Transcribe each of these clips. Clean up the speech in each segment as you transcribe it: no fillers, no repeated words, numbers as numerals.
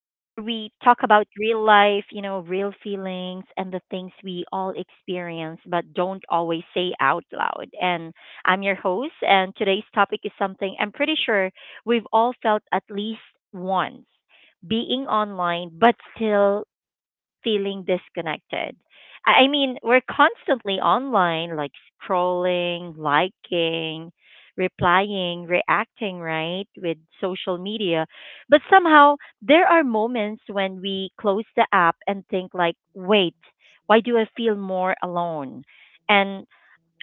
where we talk about real life, you know, real feelings and the things we all experience but don't always say out loud. And I'm your host, and today's topic is something I'm pretty sure we've all felt at least once, being online but still feeling disconnected. I mean, we're constantly online, like scrolling, liking, replying, reacting, right, with social media. But somehow there are moments when we close the app and think like, "Wait, why do I feel more alone?" And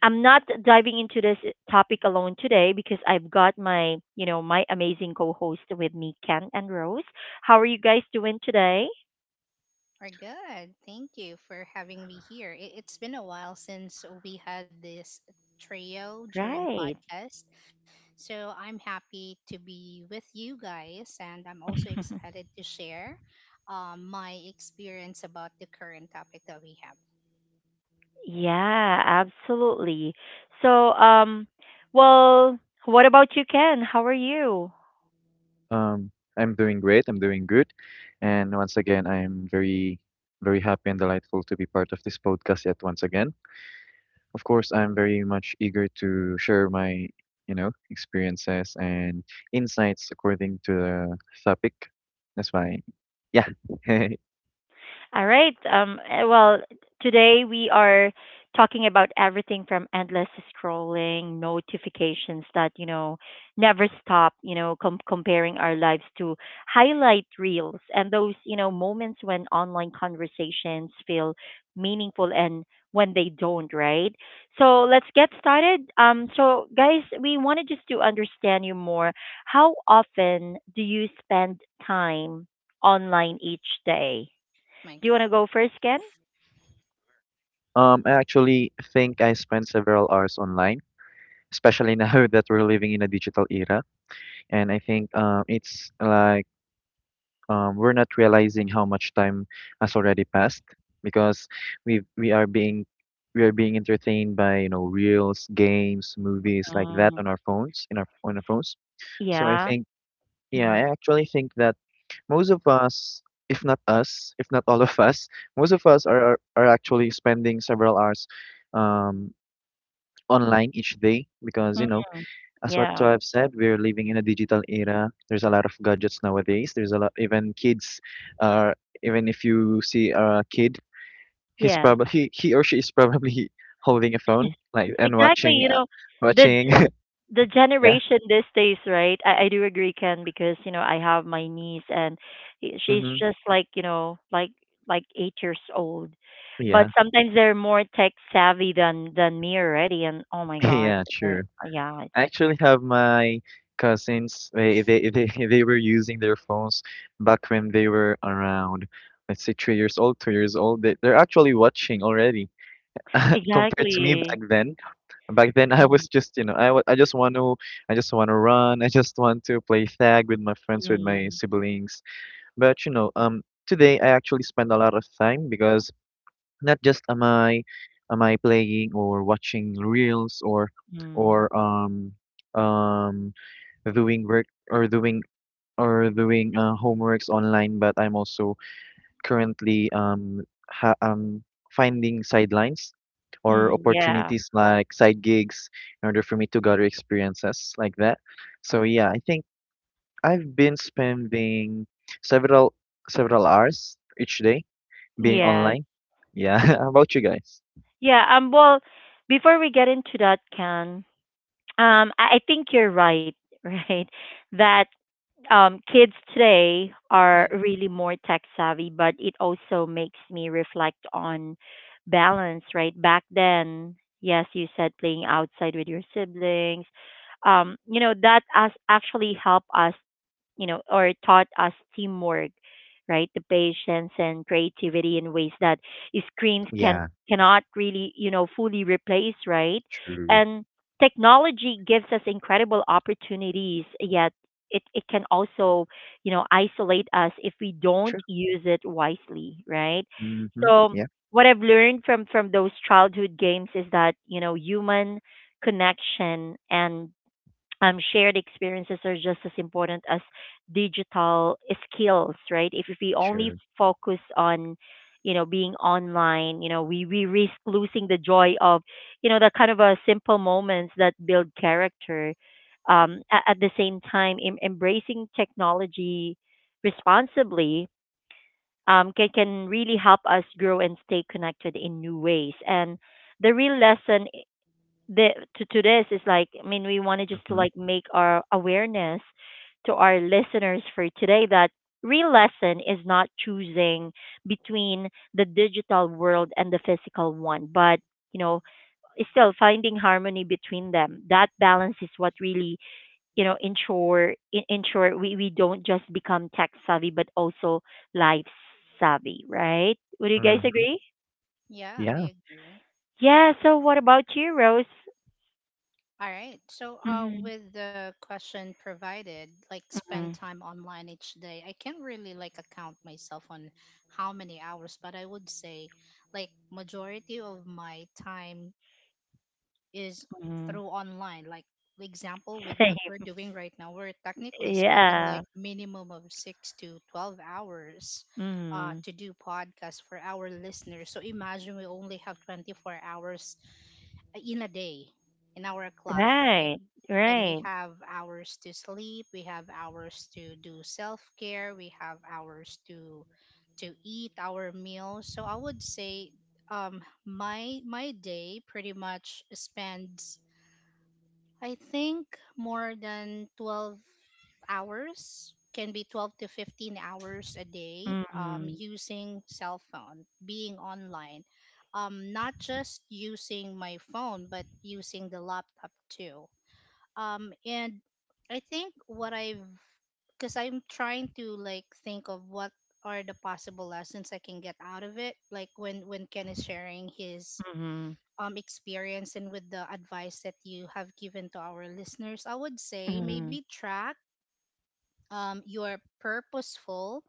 I'm not diving into this topic alone today because I've got my amazing co-host with me, Ken and Rose. How are you guys doing today? We're good. Thank you for having me here. It's been a while since we had this trio during Right. podcast. So I'm happy to be with you guys, and I'm also excited to share my experience about the current topic that we have. Yeah, absolutely. So, um, well, what about you, Ken? How are you? Um, I'm doing great. I'm doing good. And once again, I'm very, very happy and delightful to be part of this podcast yet once again. Of course, I'm very much eager to share my experiences and insights according to the topic. That's why, yeah. All right. Today we are talking about everything from endless scrolling, notifications that, you know, never stop, you know, comparing our lives to highlight reels and those, you know, moments when online conversations feel meaningful and when they don't, right? So let's get started. Guys, we wanted just to understand you more. How often do you spend time online each day? My Do you want to God. go first, Ken? I actually think I spent several hours online, especially now that we're living in a digital era. And I think it's like we're not realizing how much time has already passed because we we are being we are being entertained by reels, games, movies like that Um, on our phones in our on our phones. So I Yeah. think, yeah, hmm I actually think that most of us, if not all of us, most of us are actually spending several hours um, online each day because mm, as what Yeah. I've said, we're living in a digital era. There's a lot of gadgets nowadays. There's a lot, even kids are, even if you see a kid, he's Yes. probably, he, he or she is probably holding a phone, like, and Exactly. You watching, know, the watching. g- the Yeah. generation these days, right? I do agree, Ken, because you know I have my niece and she's Mm-hmm. just like you know like 8 years old, but Yeah. sometimes they're more tech savvy than me already. And oh my God, Yeah, they're- true. yeah, it's I actually have my cousins, they were using their phones back when they were around, let's say, 3 years old, 2 years old. They're actually watching already compared to me exactly. back then. Back then, i, Mm, was just you know I, wa- I just want to I just want to run I just want to play tag with my friends with my mm, siblings. But today I actually spend a lot of time because not just am i playing or watching reels mm, or um doing work or doing homeworks online, but I'm also currently ha- um, finding sidelines or mm, opportunities like side gigs in order for me to gather experiences like that. So yeah, I think I've been spending several several hours each day being yeah. online. Yeah, how about you guys? Yeah, well, before we get into that, Can, I think you're right, right? That kids today are Yeah. really more tech savvy, but it also makes me reflect on balance, right? Back then, yes, you said playing outside with your siblings. You know, that as actually helped us, you know, or taught us teamwork, right? The patience and creativity in ways that screens can Yeah, cannot really, you know, fully replace, right? true. And technology gives us incredible opportunities, yet it can also, you know, isolate us if we don't True. use it wisely, right? Mm-hmm. So Yeah, what I've learned from those childhood games is that, you know, human connection and shared experiences are just as important as digital skills, right? If we only true. focus on, you know, being online, you know, we risk losing the joy of, you know, the kind of a simple moments that build character. At the same time, embracing technology responsibly can really help us grow and stay connected in new ways. And the real lesson the to this is like I mean we wanted just to Mm-hmm. like make our awareness to our listeners for today that real lesson is not choosing between the digital world and the physical one, but you know it's still finding harmony between them, that balance is what really you know ensure ensure we don't just become tech savvy but also life savvy, right? Would you guys Mm-hmm. agree? Yeah, Yeah. I agree. Yeah, so what about you, Rose? All right. So, hmm with the question provided, like spend time online each day, I can't really like account myself on how many hours, but I would say like majority of my time is hmm through online. Like for example, with what we're Same. doing right now, we're technically spending Yeah. like minimum of six to 12 hours Mhm. to do podcasts for our listeners. So imagine we only have 24 hours in a day in our clock, right? Right. And Right. we have hours to sleep, we have hours to do self-care, we have hours to eat our meals. So I would say my day pretty much spends, I think, more than 12 hours. Can be 12 to 15 hours a day, Mhm. using cell phone, being online, not just using my phone but using the laptop too. And I think what I've, because I'm trying to like think of what are the possible lessons I can get out of it, like when Ken is sharing his Mhm. Experience and with the advice that you have given to our listeners, I would say Mhm. maybe track your purposeful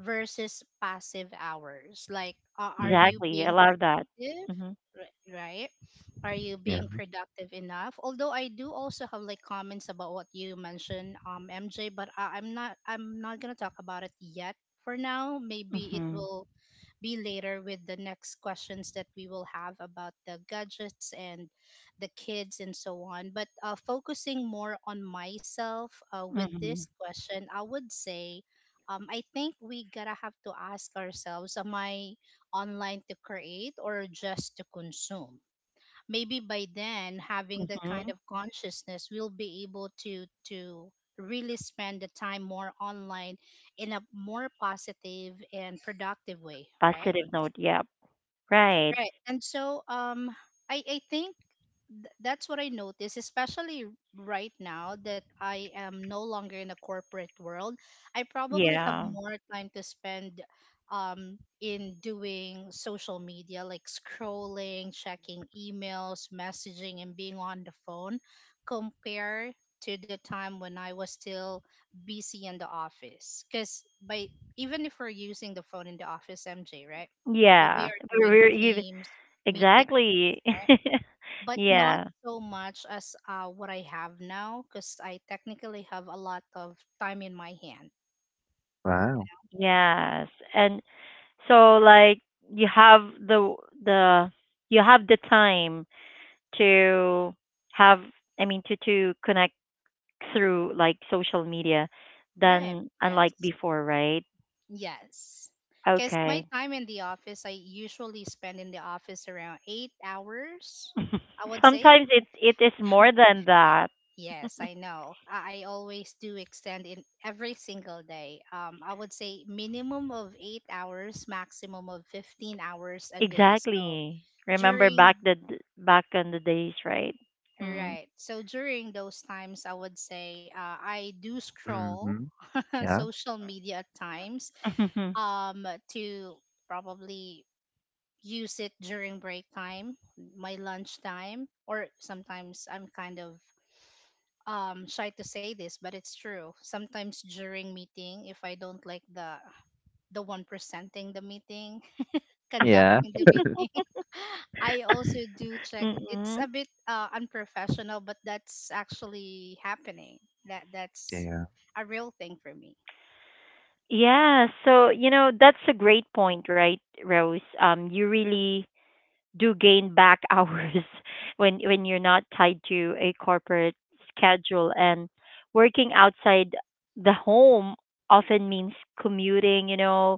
versus passive hours. Like, are Mm-hmm. you Exactly. I being love that. productive? Mhm. Right? Are you Yeah. being productive enough? Although I do also have like comments about what you mentioned, MJ, but I'm not, I'm not gonna talk about it yet for now. Maybe it Mhm. will be later with the next questions that we will have about the gadgets and the kids and so on. But focusing more on myself with this Mhm. question, I would say I think we gotta have to ask ourselves, am I online to create or just to consume? Maybe by then, having that Mhm. kind of consciousness, we'll be able to really spend the time more online in a more positive and productive way, right? Positive note. Yep. Right. Right. And so I think that's what I notice, especially right now that I am no longer in a corporate world. I probably have Yeah. more time to spend in doing social media, like scrolling, checking emails, messaging, and being on the phone, compared to the time when I was still busy in the office. Cuz by, even if we're using the phone in the office, MJ, right? Where we Yeah. are doing We're even teams, meeting, exactly. right? But not yeah. so much as what I have now, because I technically have a lot of time in my hand. Wow. Yes. And so like you have the the you have the time to have, I mean, to connect through like social media Right. than unlike Yes. before, right? Yes. Because my Okay. time in the office, I usually spend in the office around 8 hours, I would say. Sometimes it it is more than Eh, that. yes, I know. I always do extend in every single day. I would say minimum of 8 hours, maximum of 15 hours a day. So Exactly. Remember back during, back in the days, right? Mm. right, so during those times I would say I do scroll Mm-hmm. Yeah. social media at times, to probably use it during break time, my lunch time, or sometimes I'm kind of shy to say this, but it's true. Sometimes during meeting, if I don't like the one presenting the meeting, Yeah. conducting the meeting. I also do check. It's Mm-mm. a bit unprofessional, but that's actually happening. That that's Yeah. a real thing for me, Yeah, so you know that's a great point, right, Rose? You really do gain back hours when you're not tied to a corporate schedule, and working outside the home often means commuting, you know,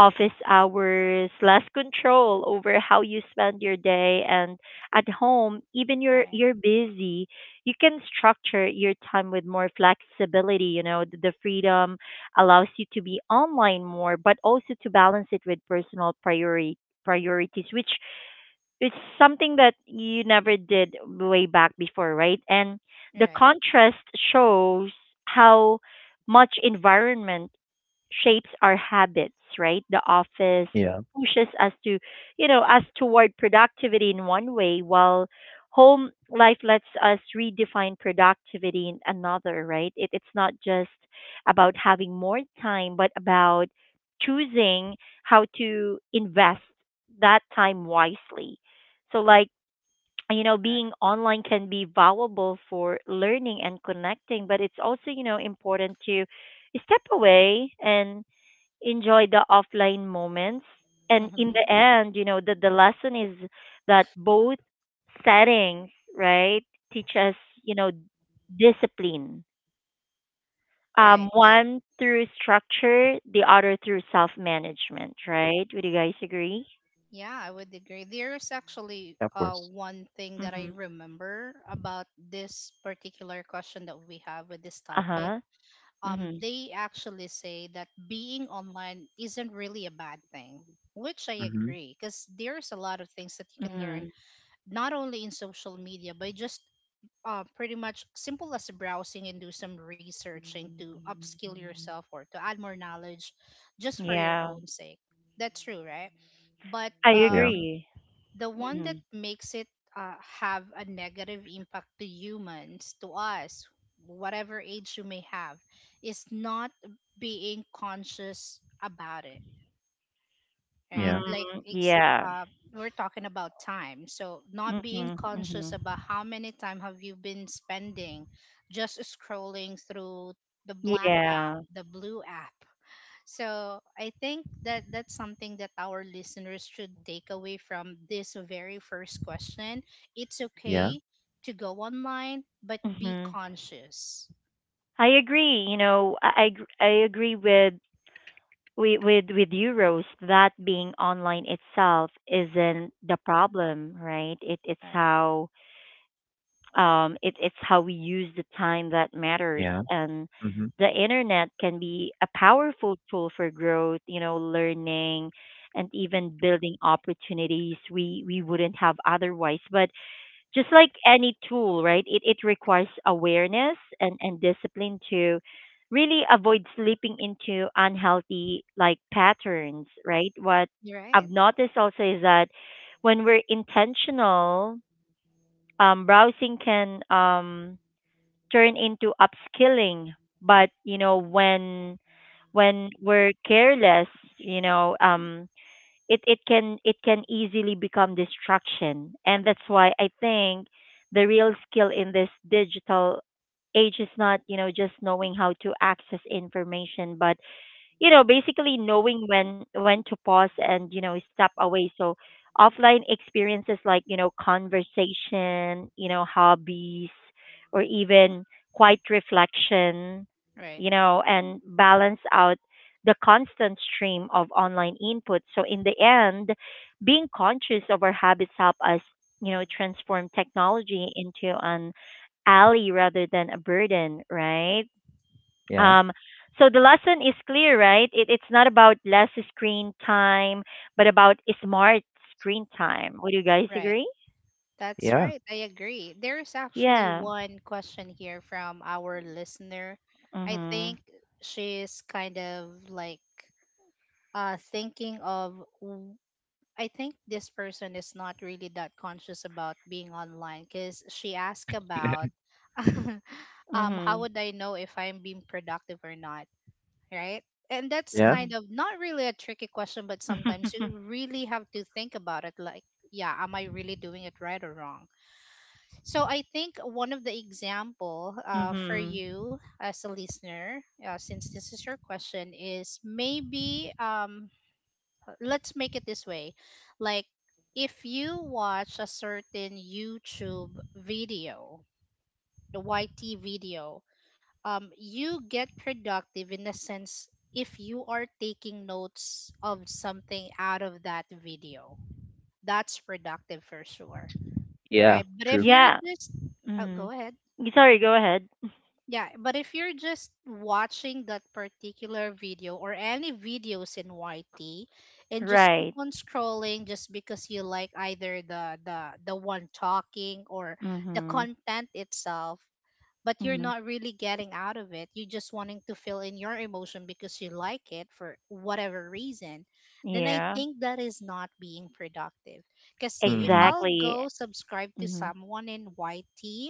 office hours, less control over how you spend your day, and at home even right? you're busy, you can structure your time with more flexibility, you know, the freedom allows you to be online more but also to balance it with personal priority priorities, which it's something that you never did way back before, right? And the Right. contrast shows how much environment shapes our habits, right? The office Yeah. pushes us to, you know, us toward productivity in one way, while home life lets us redefine productivity in another, right? It, it's not just about having more time, but about choosing how to invest that time wisely. So, like, you know, Right. being online can be valuable for learning and connecting, but it's also, you know, important to step away and enjoy the offline moments. And in the Hmm. end, you know, the lesson is that both settings, right, teach us, you know, discipline. Right. I, One through structure, the other through self management, right? Would you guys agree? yeah, I would agree. There's Of actually course. One thing that I Mm-hmm. remember about this particular question that we have with this Uh topic. huh. Mm-hmm. They actually say that being online isn't really a bad thing, which I Mm-hmm. agree, because there's a lot of things that you can learn Mm-hmm. not only in social media but just pretty much simple as browsing and do some researching to upskill yourself or to add more knowledge just for your Yeah. own sake. That's true, right? But I Yeah. Agree. the one Mm-hmm. that makes it have a negative impact to humans, to us, whatever age you may have, is not being conscious about it, right? Yeah, Like, Mm, yeah. uh, we're talking about time. So, not being Mm-hmm. conscious Mm-hmm. about how many time have you been spending just scrolling through the black app, Yeah. the blue app, so I think that that's something that our listeners should take away from this very first question. It's yeah, okay to go online, but be Mm-hmm. conscious. I agree. You know, I agree with with you, Rose. That being online itself isn't the problem, right? It's Right. how it's how we use the time that matters, yeah, and mhm, the internet can be a powerful tool for growth. You know, learning and even building opportunities we wouldn't have otherwise. But just like any tool, right? It requires awareness and discipline to really avoid slipping into unhealthy like patterns, right? What You're right. I've noticed also is that when we're intentional, browsing can turn into upskilling, but you know when we're careless, you know, it can it can easily become distraction, and that's why I think the real skill in this digital age is not you know just knowing how to access information but you know basically knowing when to pause and you know step away, so offline experiences like you know conversation, you know hobbies or even quiet reflection, Right. you know, and balance out the constant stream of online input. So in the end, being conscious of our habits help us, you know, transform technology into an ally rather than a burden, right? yeah, um, so the lesson is clear, right? It, it's not about less screen time, but about smart screen time. Would you guys Right. agree? That's yeah, right. I agree. There is actually Yeah. one question here from our listener. I think Mhm. she's kind of like thinking of, I think this person is not really that conscious about being online, because she asked about how Mhm. would I know if I'm being productive or not, right? And that's yeah, Mm. kind of not really a tricky question, but sometimes you really have to think about it like, yeah, am I really doing it right or wrong? So I think one of the example for mhm. you as a listener, since this is your question, is maybe let's make it this way, like if you watch a certain YouTube video, the YT video, you get productive in the sense if you are taking notes of something out of that video. That's productive for sure, yeah, right? But true. if you're Yeah. just, oh, go Mm. ahead. Y- Sorry. Go ahead. Yeah, but if you're just watching that particular video or any videos in YT and just keep Right. on scrolling just because you like either the one talking or the Mhm. content itself, but you're Mhm. not really getting out of it. You just wanting to fill in your emotion because you like it for whatever reason. Then I Yeah. think that is not being productive. Because if Mhm. I'll Exactly. go subscribe to Mhm. someone in YT,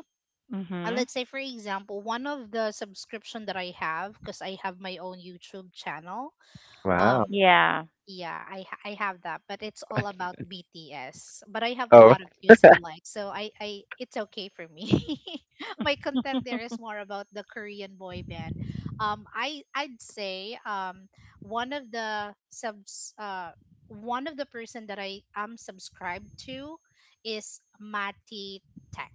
Mhm. let's say for example one of the subscription that I have, because I have my own YouTube channel, Wow. um Yeah. yeah, I have that, but it's all about BTS. But I have a Oh. lot of views and likes, so I it's okay for me. My content there is more about the Korean boy band. I'd say one of the subs, one of the person that I am subscribed to is Mati Tech.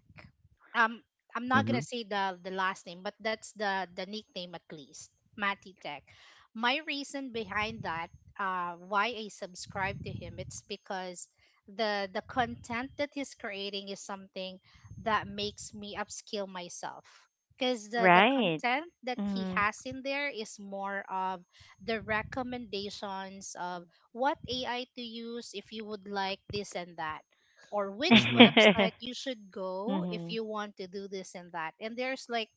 Um, I'm not gonna Mhm, say the last name, but that's the nickname at least, Mati Tech. My reason behind that, why I subscribe to him. It's because the content that he's creating is something that makes me upskill myself. Because the Right. content that he Mhm. has in there is more of the recommendations of what AI to use if you would like this and that, or which mhm, website you should go if mhm. you want to do this and that. And there's like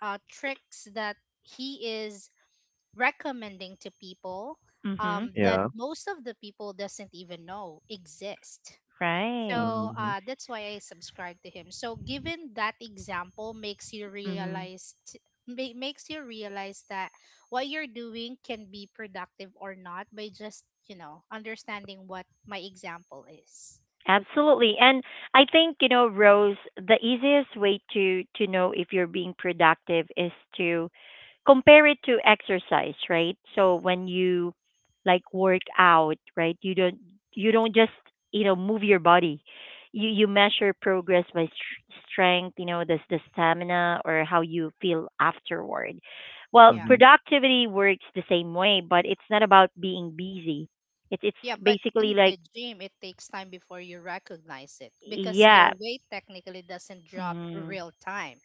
tricks that he is recommending to people, Mhm. That yeah, most of the people doesn't even know exist. Right. So mhm, that's why I subscribe to him. So given that example makes you Mhm. realize makes you realize that what you're doing can be productive or not by just you know understanding what my example is. Absolutely. And I think, you know, Rose, the easiest way to know if you're being productive is to compare it to exercise, right? So when you like work out, right? You don't just, you know, move your body. You measure progress by strength, you know, the stamina or how you feel afterward. Well, Yeah. mhm, productivity works the same way, but it's not about being busy. It's Yeah, but basically in like the gym, it takes time before you recognize it because yeah, your weight technically doesn't drop Mm-hmm. real time.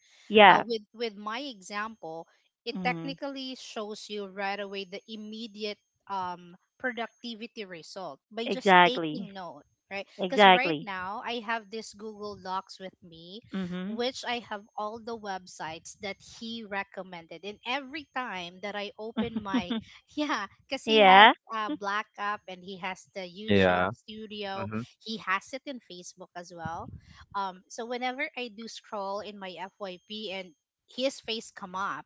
Yeah. With my example, it Mm-hmm. technically shows you right away the immediate productivity result by just taking Exactly. note, right? Because right Exactly. now I have this Google Docs with me, Mm-hmm. which I have all the websites that he recommended, and every time that I open my yeah, because he has yeah. Black Up, and he has the YouTube yeah, studio. mhm, He has it in Facebook as well. So whenever I do scroll in my FYP and his face come up,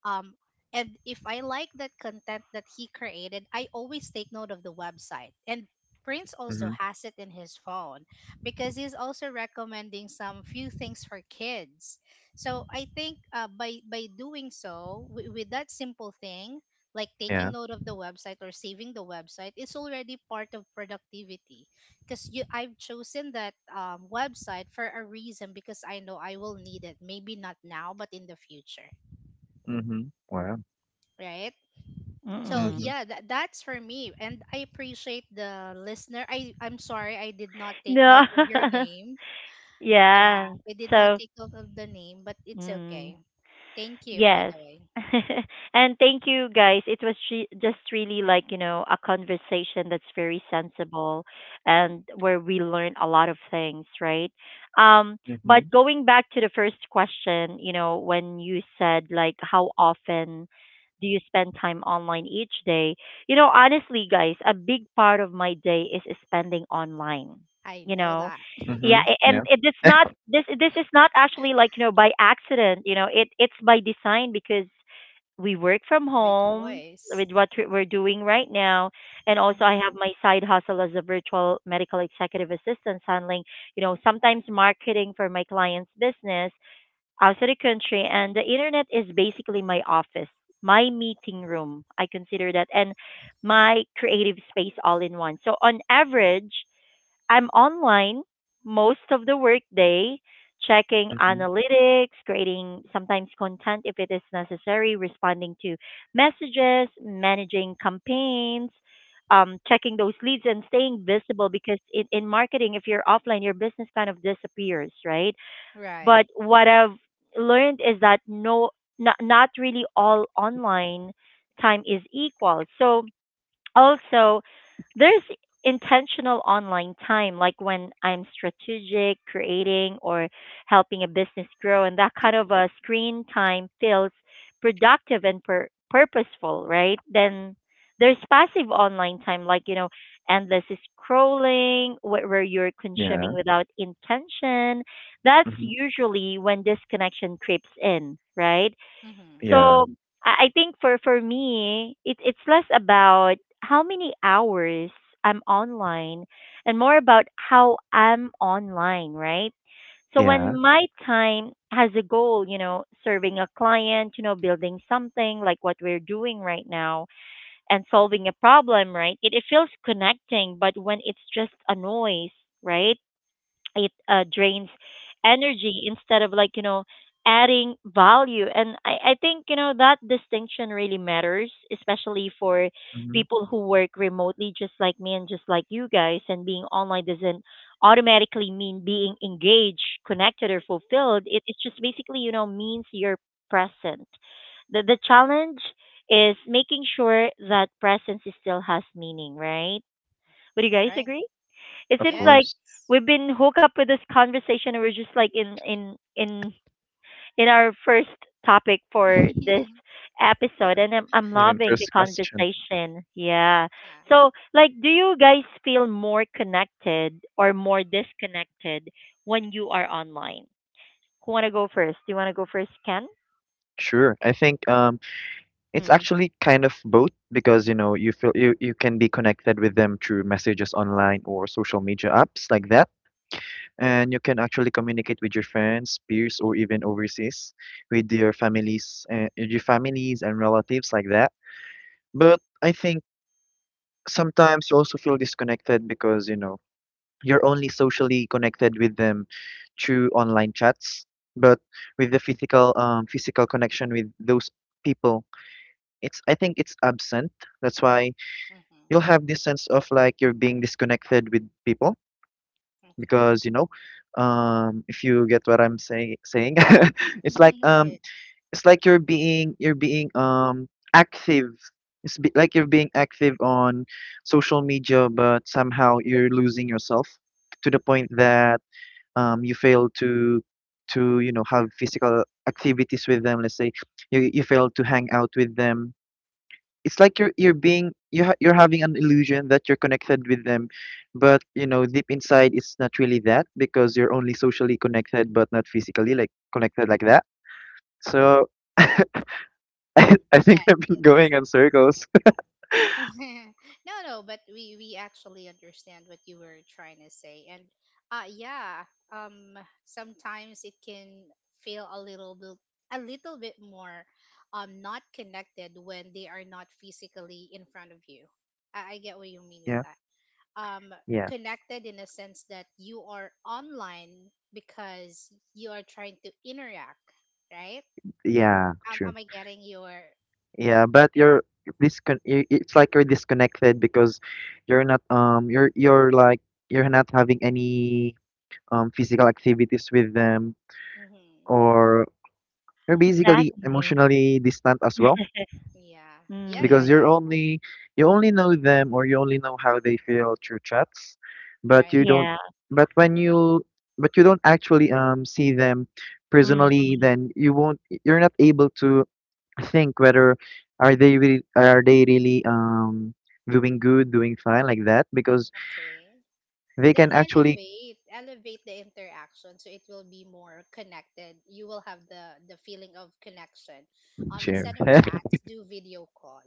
um, and if I like that content that he created, I always take note of the website. And Prince also mhm, has it in his phone because he's also recommending some few things for kids. So I think by doing so, with that simple thing, like yeah, taking note of the website or saving the website is already part of productivity, because you, I've chosen that website for a reason, because I know I will need it, maybe not now, but in the future, mhm, wow, right? So Mm-mm. mhm, yeah, that, that's for me, and I appreciate the listener. I, I'm sorry I did not take No. note of your name. Yeah, yeah. we did not So. take note of the name, but it's Mm. okay. Thank you, by Yes. the way. and thank you guys. It was just really like, you know, a conversation that's very sensible, and where we learn a lot of things, right? Um but mhm, going back to the first question, you know, when you said like how often do you spend time online each day? You know, honestly guys, a big part of my day is spending online. I You know know, that. yeah mhm, yeah, and it's not this this is not actually like you know by accident, you know it it's by design, because we work from By home choice. with what we're doing right now, and also I have Hmm. my side hustle as a virtual medical executive assistant handling, you know, sometimes marketing for my clients business outside the country, and the internet is basically my office, my meeting room I consider that, and my creative space all in one. So on Right. average, I'm online most of the workday, checking mhm, analytics, creating sometimes content if it is necessary, responding to messages, managing campaigns, checking those leads and staying visible because in marketing, if you're offline, your business kind of disappears, right? Right. But what I've learned is that no, not really all online time is equal. So also, there's intentional online time, like when I'm strategic, creating, or helping a business grow, and that kind of a screen time feels productive and purposeful, right? Then there's passive online time, like you know, endless scrolling, where you're consuming yeah, without intention. That's mhm, usually when disconnection creeps in, right? Mm-hmm. yeah, So I think for me, it it's less about how many hours I'm online and more about how I'm online, right? So yeah, when my time has a goal, you know, serving a client, you know, building something like what we're doing right now, and solving a problem, right? It feels connecting, but when it's just a noise, right? It drains energy instead of like adding value. And I think, you know, that distinction really matters, especially for mhm, people who work remotely just like me and just like you guys. And being online doesn't automatically mean being engaged, connected, or fulfilled. It just basically, you know, means you're present. The challenge is making sure that presence still has meaning, right? Would you guys Right. agree? It of seems like course. Yes. we've been hooked up with this conversation and we're just like in our first topic for this Yeah. episode, and I'm I mean, loving the first question. conversation. Yeah. So, like, do you guys feel more connected or more disconnected when you are online? Who want to go first? Do you want to go first, Ken? Sure. I think it's Mhm. actually kind of both because you feel you can be connected with them through messages online or social media apps like that, and you can actually communicate with your friends, peers, or even overseas with your families and relatives like that. But I think sometimes you also feel disconnected because, you're only socially connected with them through online chats, but with the physical physical connection with those people, it's I think it's absent. That's why you'll Mm-hmm. have this sense of like you're being disconnected with people Okay. because if you get what I'm saying. It's like Yes. it's like you're being active. Like you're being active on social media, but somehow you're losing yourself to the point that you fail to have physical activities with them. Let's say you fail to hang out with them. It's like you're having an illusion that you're connected with them, but deep inside it's not really that because you're only socially connected but not physically like connected like that. So I think Yes. I've been Yes. going on circles. No, no, but we actually understand what you were trying to say, and yeah, um, sometimes it can feel a little bit, a little bit more not connected when they are not physically in front of you. I get what you mean with Yeah. that. um, Yeah. Connected in a sense that you are online because you are trying to interact, right? Yeah, Am true. I getting your? Yeah, but Okay. you're it's like you're disconnected because you're not you're you're like you're not having any physical activities with them, Mm-hmm. or you're basically Exactly. emotionally distant as well Yeah. Yeah. Yeah. because Mm. Yeah. You only know them, or you only know how they feel through chats, but you Right. don't Yeah. but when you but you don't actually see them Mm. personally. Then you're not able to think whether are they really doing fine like that, because Okay. they Then can actually elevate the interaction so it will be more connected. You will have the feeling of connection. Cheer. Instead of chats, do video call.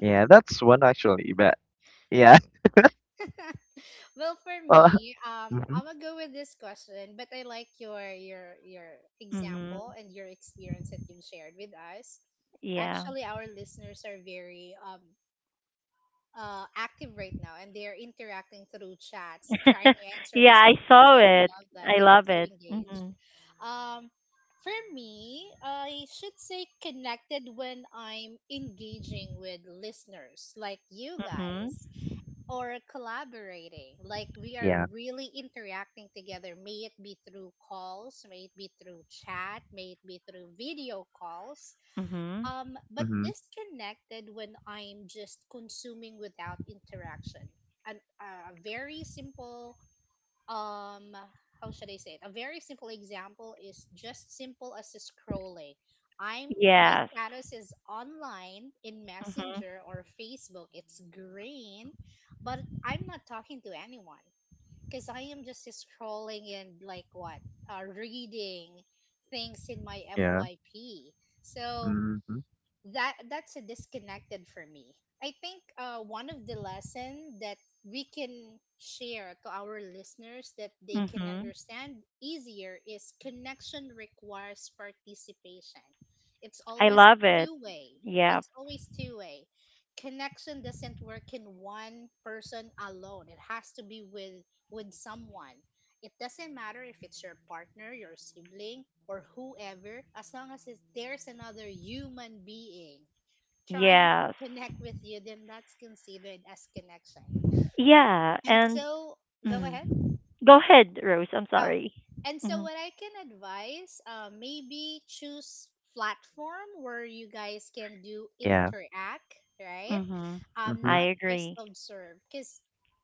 Yeah, that's one actually, but yeah. Well, for Well, me, mhm, I'm gonna go with this question, but I like your example Mhm. and your experience that you've shared with us. Yeah. Actually, our listeners are very active right now, and they are interacting through chats, trying to answer Yeah, this I question too. saw And I it. love that I they are love so it. engaged. hmm Um, for me, I should say connected when I'm engaging with listeners like you Mhm. guys or collaborating. Like, we are yeah, really interacting together, may it be through calls, may it be through chat, may it be through video calls. Mhm. But mhm, disconnected when I'm just consuming without interaction. An, a very simple um how should I say it? A very simple example is just simple as scrolling. I'm My Yes. status is online in Mhm. Messenger or Facebook. It's green, but I'm not talking to anyone because I am just scrolling and like what reading things in my yeah, FYP. So mhm, that's a disconnected for me. I think one of the lesson that we can share to our listeners that they can Mhm. understand easier is connection requires participation. It's I always love it. two way, Yeah. it's always two way. Connection doesn't work in one person alone, it has to be with someone. It doesn't matter if it's your partner, your sibling, or whoever, as long as it's, there's another human being trying to Yes. connect with you, then that's considered as connection. Yeah. And And so, go mm. ahead. Go ahead, Rose. I'm Oh, sorry. and so Mhm. what I can advise, maybe choose platform where you guys can do yeah, interact, right? Mhm. Mhm, I Not just agree. observe, because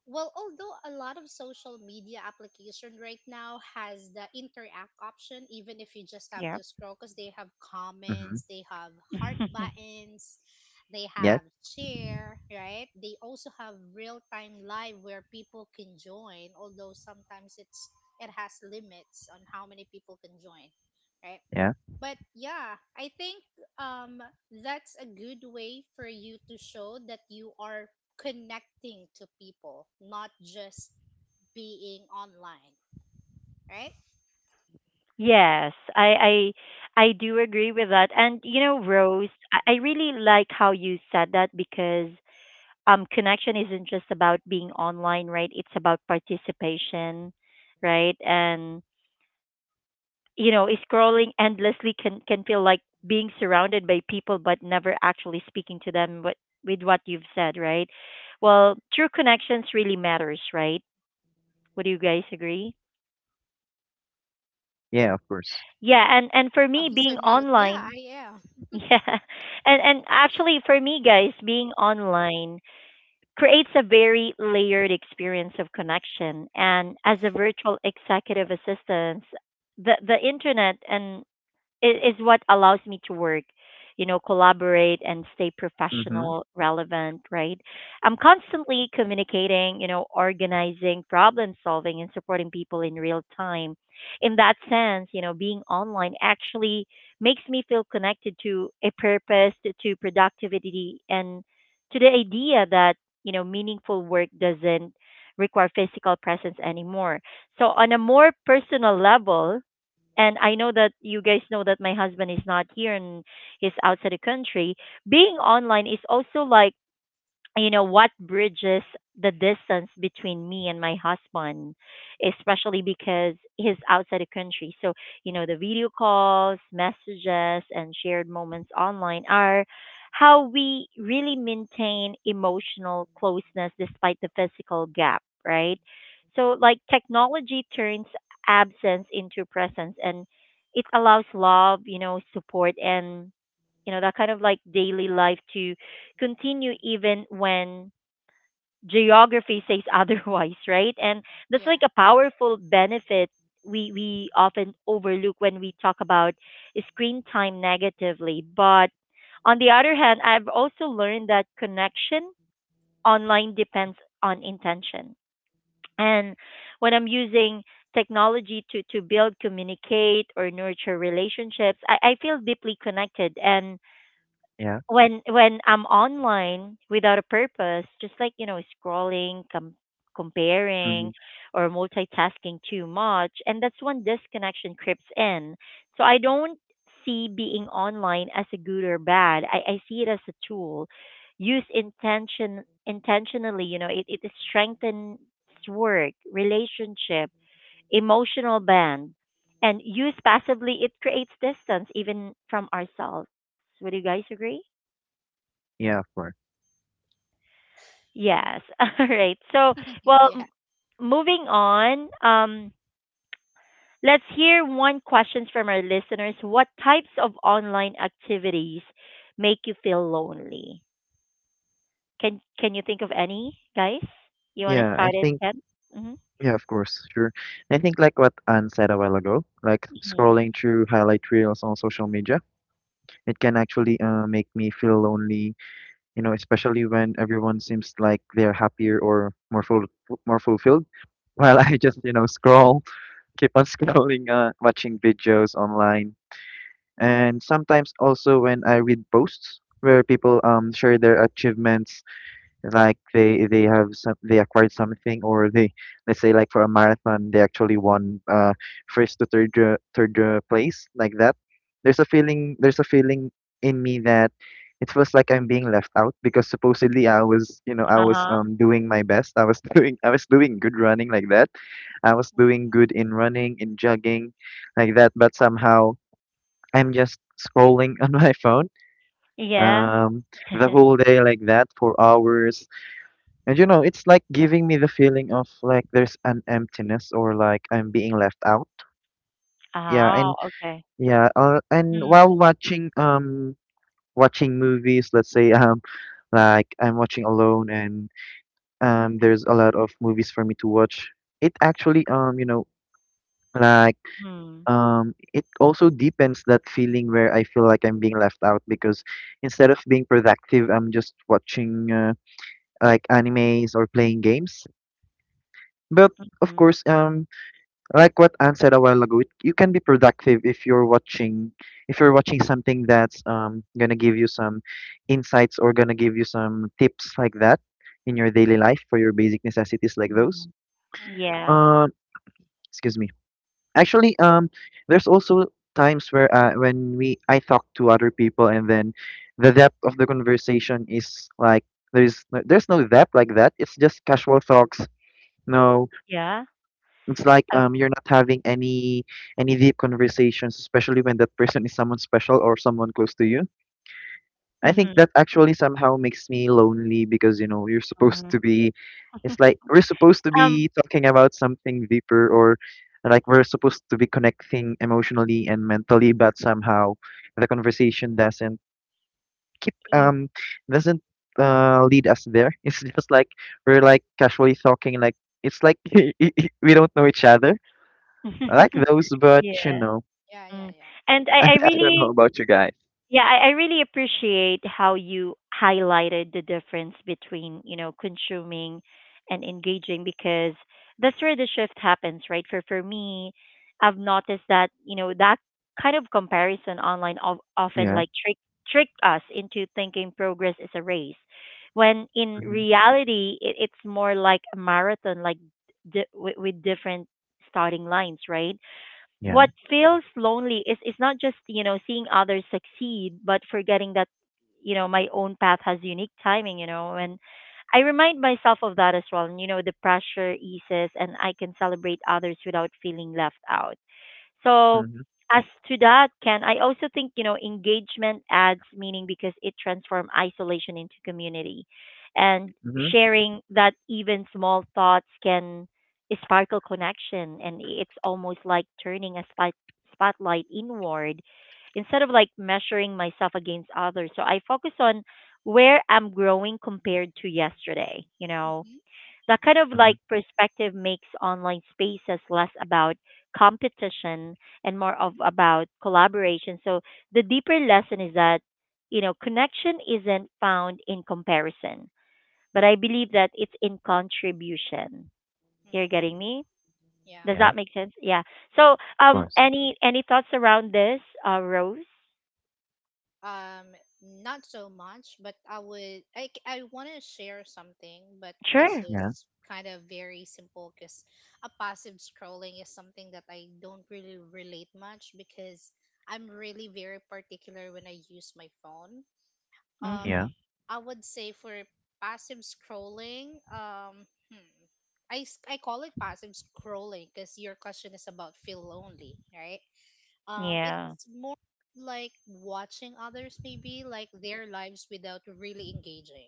well, although a lot of social media application right now has the interact option, even if you just have to Yep. scroll, because they have mhm, comments, they have heart buttons, they yeah, have share, right? They also have real time live where people can join, although sometimes it has limits on how many people can join, right? yeah. But yeah, I think um, that's a good way for you to show that you are connecting to people, not just being online, right? Yes, I I do agree with that. And you know, Rose, I really like how you said that, because connection isn't just about being online, right? It's about participation, right? And you know, scrolling endlessly can feel like being surrounded by people but never actually speaking to them. But with what you've said, right, well, true connections really matters, right? Would you guys agree? Yeah, of course. Yeah. And for Oh, me, he's being on mute. Yeah, online, I am. yeah, and actually, for me, guys, being online creates a very layered experience of connection. And as a virtual executive assistant, the internet and it is what allows me to work, you know, collaborate, and stay Mm-hmm. professional, relevant, right? I'm constantly Mhm. communicating, you know, organizing, problem solving, and supporting people in real time. In that sense, you know, being online actually makes me feel connected to a purpose, to productivity, and to the idea that, you know, meaningful work doesn't require physical presence anymore. So, on a more personal level, and I know that you guys know that my husband is not here, and he's outside the country. Being online is also like, you know, what bridges the distance between me and my husband, especially because he's outside the country. So you know, the video calls, messages, and shared moments online are how we really maintain emotional closeness despite the physical gap, right? So like, technology turns absence into presence, and it allows love, you know, support, and you know, that kind of like daily life to continue even when geography says otherwise, right? And that's Yeah. like a powerful benefit we often overlook when we talk about screen time negatively. But on the other hand, I've also learned that connection online depends on intention. And when I'm using technology to build, communicate, or nurture relationships, I feel deeply connected. And Yeah. when I'm online without a purpose, just like you know scrolling, Mm-hmm. comparing, or multitasking too much, and that's when disconnection creeps in. So I don't see being online as a good or bad. I see it as a tool. Use intention intentionally. You know, it strengthens work, relationship, emotional band, and used passively, it creates distance even from ourselves. Would you guys agree? Yeah, of course. Yes. All right. So, well, Yeah. moving on, let's hear one questions from our listeners. What types of online activities make you feel lonely? Can you think of any, guys? You want to Yeah, Mm-hmm. start I it, think, Ken? Mm-hmm. yeah, of course, sure. I think like what Anne said a while ago, like Mm-hmm. scrolling through highlight reels on social media, it can actually make me feel lonely, you know, especially when everyone seems like they're happier or more full, more fulfilled, while I just, scroll keep on scrolling, watching videos online, and sometimes also when I read posts where people share their achievements, like they have some, they acquired something, or they let's say like for a marathon they actually won first to third, place, like that. There's a feeling in me that it feels like I'm being left out because supposedly I was Uh huh. Doing my best. I was doing I was doing good running like that. I was doing good in running in jogging like that, but somehow I'm just scrolling on my phone, Yeah. um the whole day like that for hours. And it's like giving me the feeling of like there's an emptiness, or like I'm being left out. Yeah, and Oh, okay. yeah, and while Mm-hmm. Watching movies, let's say, like I'm watching alone, and there's a lot of movies for me to watch. It actually like Mm-hmm. It also deepens that feeling where I feel like I'm being left out because instead of being productive, I'm just watching, like animes or playing games. But of course, like what Anne said a while ago, you can be productive if you're watching something that's gonna give you some insights, or gonna give you some tips like that, in your daily life for your basic necessities like Mm-hmm. those. Mm-hmm. Yeah. Um, excuse me. Actually, there's also times where, when we I talk to other people, and then the depth of the conversation is like there's no depth like that. It's just casual talks. No. Yeah. It's like I, you're not having any deep conversations, especially when that person is someone special or someone close to you. I think hmm. that actually somehow makes me lonely because you're supposed Mm-hmm. to be, it's like we're supposed to Um. be talking about something deeper, or like we're supposed to be connecting emotionally and mentally, but somehow the conversation keep y- um doesn't, lead us there. It's just like we're like casually talking, like it's like, we don't know each other. I like those, but yeah. Yeah, yeah, Mm. yeah. And I I don't know really, about you guys. yeah, I really appreciate how you highlighted the difference between, you know, consuming and engaging, because that's where the shift happens, right? For me, I've noticed that, you know, that kind of comparison online of, often Yeah. like trick us into thinking progress is a race. When in Hmm. reality, it's more like a marathon, like with different starting lines, right? Yeah. What feels lonely is not just, you know, seeing others succeed, but forgetting that, you know, my own path has unique timing, you know. And I remind myself of that as well, and you know, the pressure eases and I can celebrate others without feeling left out. So Mhm, as to that, Ken, I also think, you know, engagement adds meaning because it transforms isolation into community. And mhm, sharing that even small thoughts can sparkle connection. And it's almost like turning a spotlight inward instead of like measuring myself against others. So I focus on where I'm growing compared to yesterday, you know, Mm-hmm. that kind of like mhm. perspective makes online spaces less about competition and more of about collaboration. So the deeper lesson is that, you know, connection isn't found in comparison, but I believe that it's in contribution. You're Mm-hmm. getting me? Yeah. Does Yeah. Of that make sense? Yeah. So, course. Any thoughts around this, Rose? Um, Not so much, but I would I c- I want to share something, but this Sure. Yeah. is kind of very simple because a passive scrolling is something that I don't really relate much because I'm really very particular when I use my phone. Um, Yeah. Hmm. I would say for passive scrolling, I call it passive scrolling because your question is about feel lonely, right? Yeah. It's more like watching others maybe like their lives without really engaging,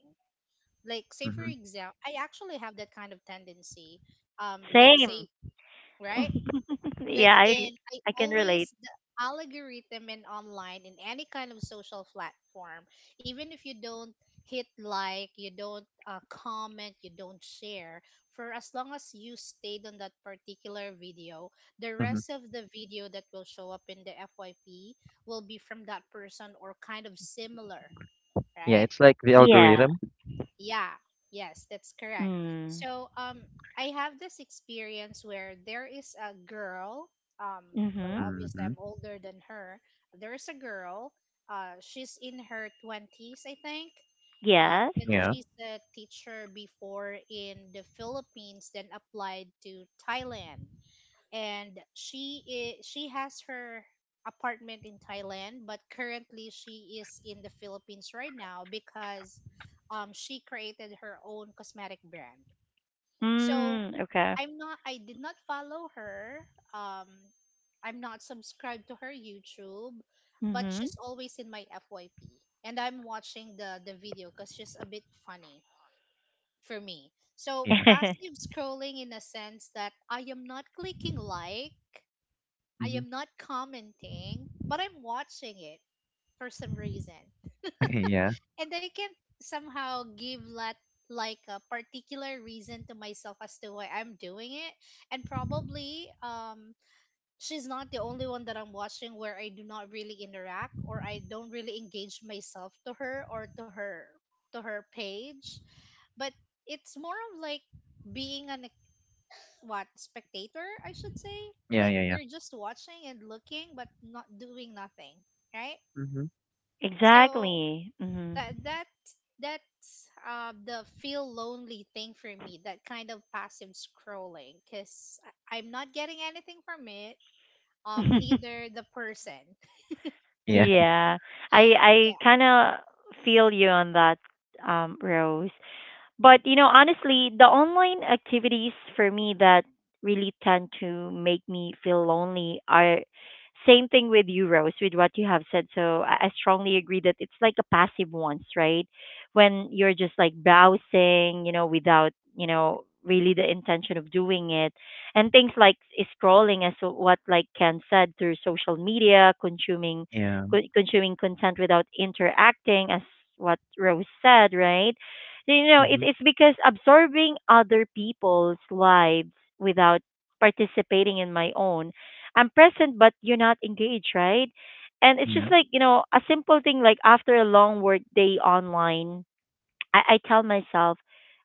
like say for Mhm, example I actually have that kind of tendency. Let's Same. say, right? Like, Yeah, in I I can relate. always the algorithm in online in any kind of social platform, even if you don't hit like, you don't comment, you don't share, for as long as you stayed on that particular video, the mhm. rest of the video that will show up in the FYP will be from that person or kind of similar, Yeah, right? it's like the Yeah. algorithm. Yeah, yes, that's correct. Mm. So, I have this experience where there is a girl, um, well, Mhm. obviously Mm-hmm. I'm older than her. There is a girl, she's in her 20s, I think. Yes. And Yeah. she's a teacher before in the Philippines, then applied to Thailand, and she has her apartment in Thailand, but currently she is in the Philippines right now because she created her own cosmetic brand. So Mm, okay. I did not follow her. Um I'm not subscribed to her YouTube, but Mhm. she's always in my FYP. And I'm watching the video cuz she's a bit funny for me. So Yeah. passive scrolling in a sense that I am not clicking like, I Mhm. am not commenting, but I'm watching it for some reason. Yeah. And I can't somehow give that like a particular reason to myself as to why I'm doing it. And probably she's not the only one that I'm watching where I do not really interact or I don't really engage myself to her or to her page. But it's more of like being an, what, spectator I should say. Yeah. Like, Yeah. Yeah. you're just watching and looking but not doing nothing, right? Mhm. So Exactly. Mhm. that that that's the feel lonely thing for me, that kind of passive scrolling, because I'm not getting anything from it, neither the person. Yeah. Yeah. I Yeah, kind of feel you on that, um, Rose. But you know, honestly, the online activities for me that really tend to make me feel lonely are same thing with you, Rose, with what you have said. So I strongly agree that it's like a passive ones, right? When you're just like browsing, you know, without, you know, really the intention of doing it. And things like scrolling, as what like Ken said, through social media, consuming Yeah. Consuming content without interacting, as what Rose said, right? You know, Mhm. It's because absorbing other people's lives without participating in my own. I'm present, but you're not engaged, right? And it's Yeah. just like, you know, a simple thing like after a long work day online, I tell myself,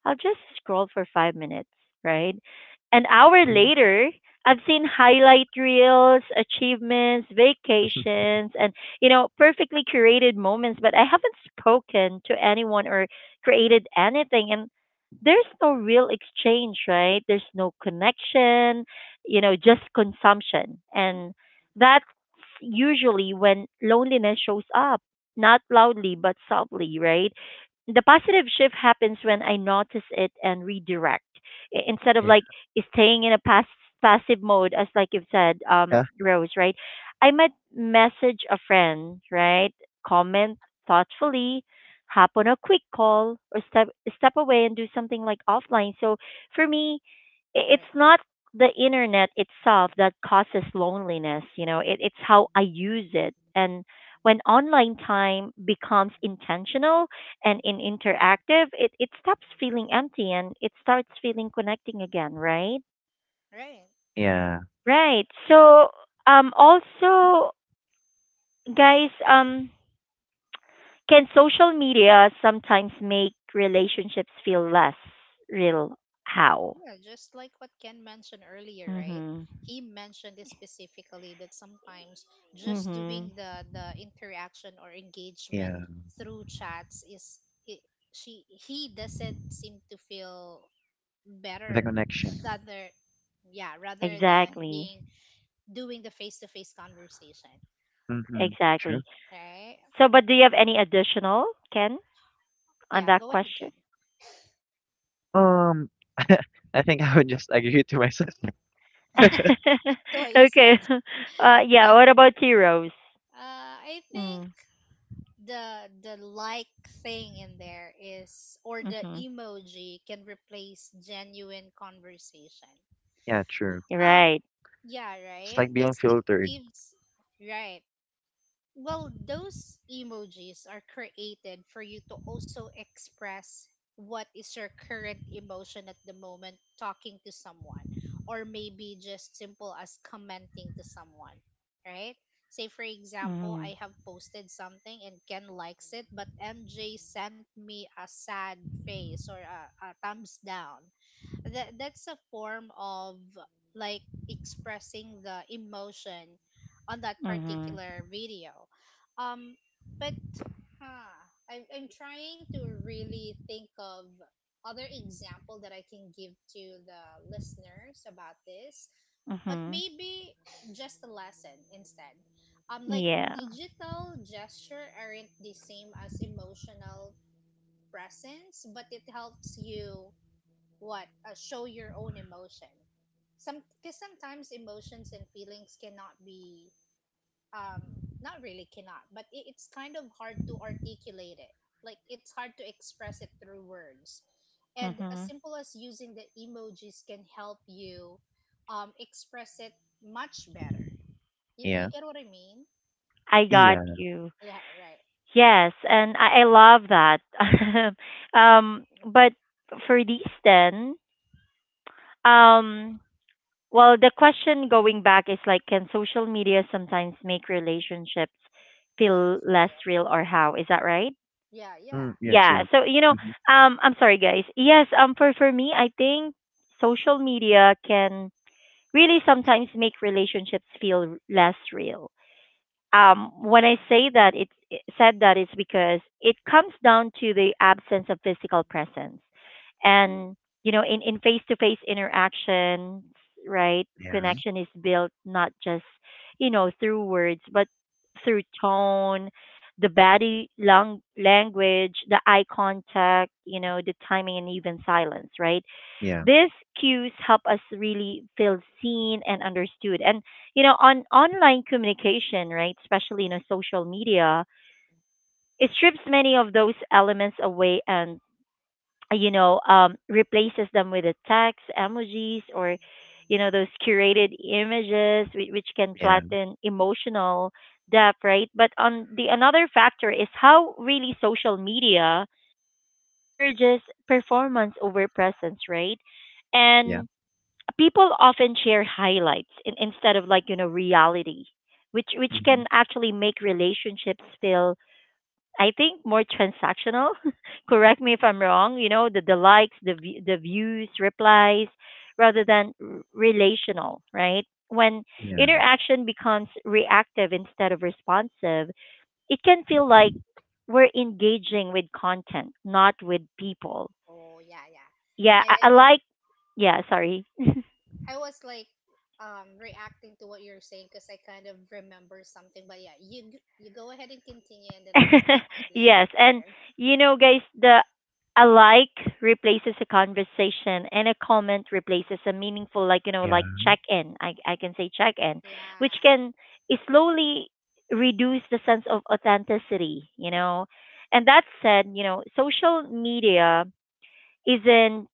I'll just scroll for 5 minutes, right? An hour Mhm. later, I've seen highlight reels, achievements, vacations, and, you know, perfectly curated moments, but I haven't spoken to anyone or created anything. And there's no real exchange, right? There's no connection, you know, just consumption. And that's usually when loneliness shows up, not loudly, but subtly, right? The positive shift happens when I notice it and redirect. Instead of Yeah. like staying in a passive mode, as like you've said, Yeah. Rose, right? I might message a friend, right? Comment thoughtfully, hop on a quick call, or step away and do something like offline. So for me, right, it's not the internet itself that causes loneliness. You know, it, it's how I use it. And when online time becomes intentional and in interactive, it stops feeling empty and it starts feeling connecting again, right? right. Yeah. Right. So, also, guys, can social media sometimes make relationships feel less real? How? Yeah, just like what Ken mentioned earlier, right? Mhm. He mentioned this specifically that sometimes just Mhm. doing the interaction or engagement Yeah. through chats is it, she he doesn't seem to feel The better, connection. rather, yeah, rather than Exactly. being doing the face to face conversation, Mm-hmm. True. Exactly. right? So, but do you have any additional, Ken, on Yeah, that go ahead, Ken. question? Um, I think I would just agree to myself. To what you Okay. said. Yeah. Um, What about you, Rose? I think Mm. The like thing in there is, or the Mhm. emoji can replace genuine conversation. Yeah. True. um Right. yeah, It's right, like being because it filtered. gives, right. Well, those emojis are created for you to also express what is your current emotion at the moment talking to someone, or maybe just simple as commenting to someone, right? Say, for example, I Mhm. have posted something and Ken likes it, but MJ sent me a sad face, or a thumbs down. That's a form of like expressing the emotion on that Mhm. particular video. um but huh, I'm trying to really think of other example that I can give to the listeners about this, but Mhm. maybe just a lesson instead. Like, Yeah. digital gesture aren't the same as emotional presence, but it helps you what show your own emotion some, because sometimes emotions and feelings cannot be um not really cannot, but it's kind of hard to articulate it, like it's hard to express it through words, and as Mhm. simple as using the emojis can help you express it much better. You Yeah. get what I mean. I got Yeah. you. Yeah, right. Yes, Go ahead. and I love that. Um, but for these then, um, well, the question going back is like, can social media sometimes make relationships That's feel less real. real, or how? Is that right? Yeah, yeah, Mm, yeah, yeah. true. Yeah. So you know, Mhm. I'm sorry, guys. Yes. For me, I think social media can really sometimes make relationships feel less real. When I say that, it said that it's because it comes down to the absence of physical presence. And you know, in face to face interactions, right, Yeah, connection is built not just, you know, through words, but through tone, the body language, the eye contact, you know, the timing, and even silence, right? yeah, These cues help us really feel seen and understood. And you know, on online communication, right, especially you know social media, it strips many of those elements away and you know, replaces them with a text, emojis, or you know, those curated images, which can yeah, flatten emotional depth, right? But on the another factor is how really social media encourages performance over presence, right? Right. yeah. And people often share highlights in, instead of like you know reality, which Mhm. can actually make relationships feel, I think, more transactional. Correct me if I'm Mhm. wrong, you know, the likes, the the views, replies, rather than relational, right? When Yeah, interaction becomes reactive instead of responsive, it can feel like we're engaging with content, not with people. Oh yeah, yeah. I, Yeah. I I like, yeah, sorry. I was like reacting to what you're saying because I kind of remember something. But yeah, you go ahead and continue, and then I'll say mine later. Yes, and Later. you know, guys, the a like replaces a conversation, and a comment replaces a meaningful, like, you know, yeah. like check in. I can say check in, which Yeah, can slowly reduce the sense of authenticity. You know, and that got said, it. you know, social media isn't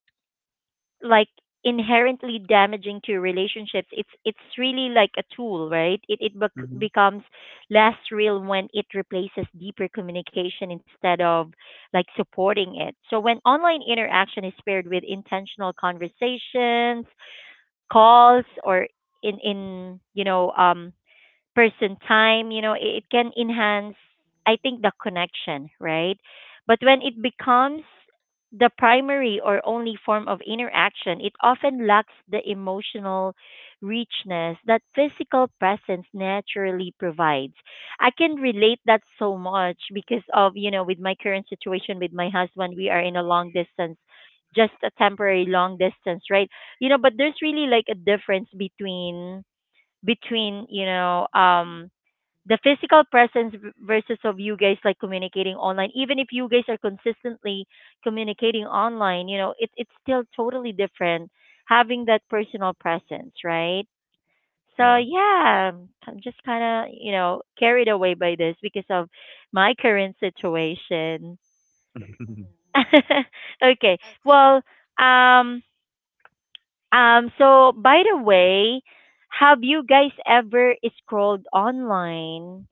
like inherently damaging to relationships. It's really like a tool, right? it it bec- Mhm. becomes less real when it replaces deeper communication instead of like supporting it. So when online interaction is paired with intentional conversations, calls, or in person time, you know, it can enhance, I think, the connection, right? But when it becomes the primary or only form of interaction, it often lacks the emotional richness that physical presence naturally provides. I can relate that so much because of, you know, with my current situation with my husband, we are in a long distance, just a temporary long distance, right? You know, but there's really like a difference between you know the physical presence versus of you guys like communicating online. Even if you guys are consistently communicating online, you know, it's still totally different having that personal presence, right? So Yeah. yeah, I'm just kind of, you know, carried away by this because of my current situation. Mhm. Okay, Okay. well, um so by the way, have you guys ever scrolled online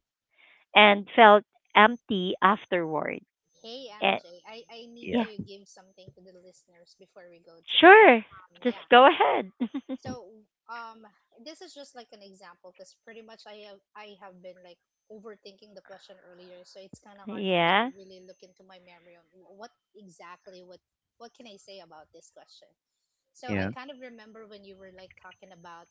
and felt empty afterward? Hey And MJ, I need Yeah, to yeah, give something to the listeners before we go to that. sure. Just Yeah, go ahead. so um, this is just like an example because pretty much I have been like overthinking the question earlier, so it's kind of hard for me to yeah. really look into my memory on wh- what exactly what can I say about this question. So I yeah. kind of remember when you were like talking about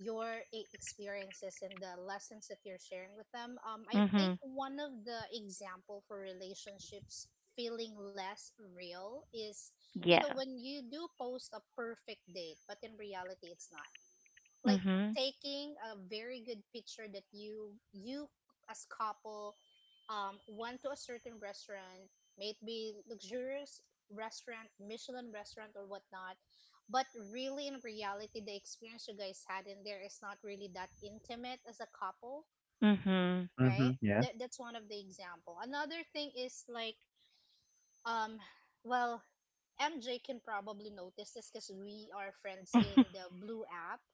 your experiences and the lessons that you're sharing with them. I Mhm. think one of the example for relationships feeling less real is, you Yeah. know, when you do post a perfect date but in reality it's not, like Mhm. taking a very good picture that you as couple want to a certain restaurant, maybe luxurious restaurant, michelin restaurant or whatnot, but really in reality the experience you guys had in there is not really that intimate as a couple, Mhm. Mhm. right? Yeah. That's one of the example. Another thing is like, um well, MJ can probably notice this because we are friends in the blue app,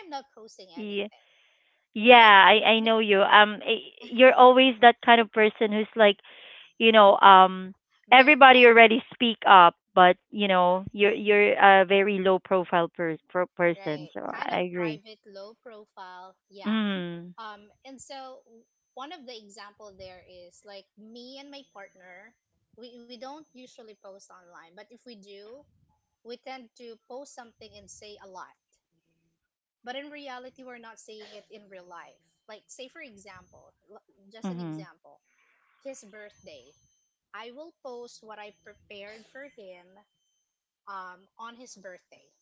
I'm not posting yeah. anything, right? Yeah, I And know if you. You're always that kind of person who's like, you know, very everybody private, already speak up, but you know, you're a very low profile per person, right? so Kind I of agree. private, low profile, yeah. Mhm. And so one of the example there is like me and my partner, we don't usually post online, but if we do, we tend to post something and say a lot. But in reality, we're not saying it in real life. Like, say for example, just an Mhm. example, his birthday. I will post what I prepared for him on his birthday,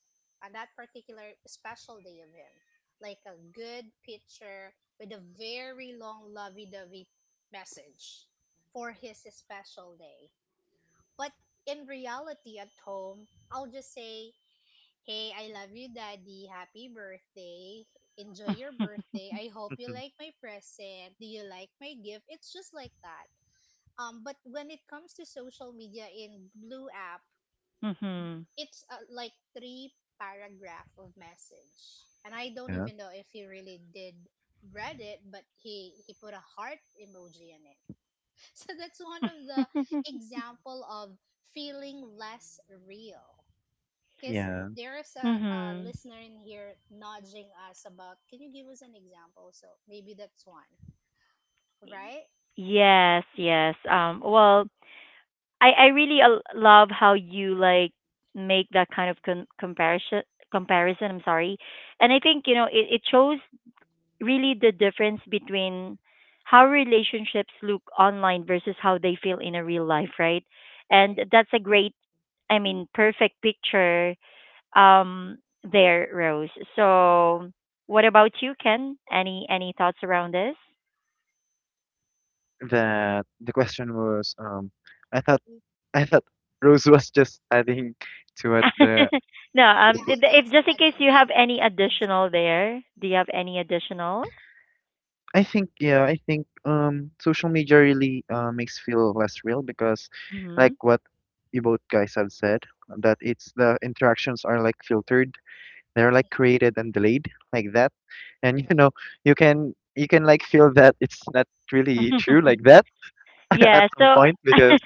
on that particular special day of him, like a good picture with a very long lovey dovey message for his special day. But in reality, at home, I'll just say, "Hey, I love you, Daddy. Happy birthday. Enjoy your birthday. I hope you Mhm. like my present. Do you like my gift?" It's just like that. But when it comes to social media in Blue app, Mhm. it's like three paragraph of message, and I don't Yeah. even know if he really did read it, but he put a heart emoji in it. So that's one of the example of feeling less real, because Yeah. there is a mhm. listener in here nudging us about, can you give us an example, so maybe that's one, right? Yes. Well, I really love how you like make that kind of comparison, I'm sorry. And I think, you know, it shows really the difference between how relationships look online versus how they feel in a real life, right? And Right. that's a great, I mean, perfect picture um there, Rose. So, what about you, Ken? Any thoughts around this? The question was, I thought Mm, I thought Rose was just adding to it, the No, the yeah, food. I if just just in case added you have like any an additional example. there, do you have any additional? I think, yeah, I think social media really makes feel less real because Mm-hmm. like what you both guys have said, that it's the interactions are like filtered, they're like Mhm, created and delayed like that. And right. You can like feel that it's not really true like that, at Yeah, Yeah, some so point, because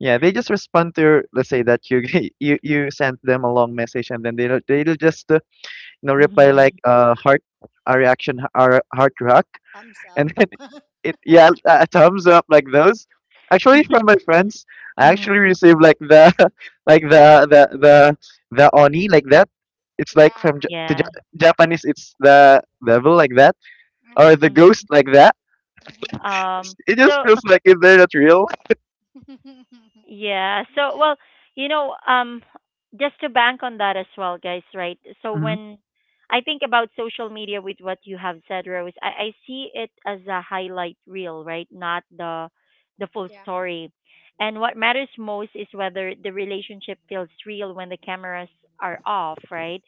yeah, they just respond let's say that you you sent them a long message, and then they'll just, reply like, Mhm. Heart, a reaction, a heart rock, thumbs up. and it yeah, a thumbs up, like those. Actually, from my friends, I actually Mhm. received like the, like the the the oni, like that. It's like Yeah. from to Yeah. Japanese, it's the devil like that, or Uh-huh. the Mhm. ghost like that. Mm-hmm. Um, It just so feels like if they're not real. Yeah. So, well, you know, just to bank on that as well, guys, right? So Hmm. when I think about social media with what you have said, Rose, I see it as a highlight reel, right? Not the full Yeah. story. And what matters most is whether the relationship feels real when the cameras are off, right?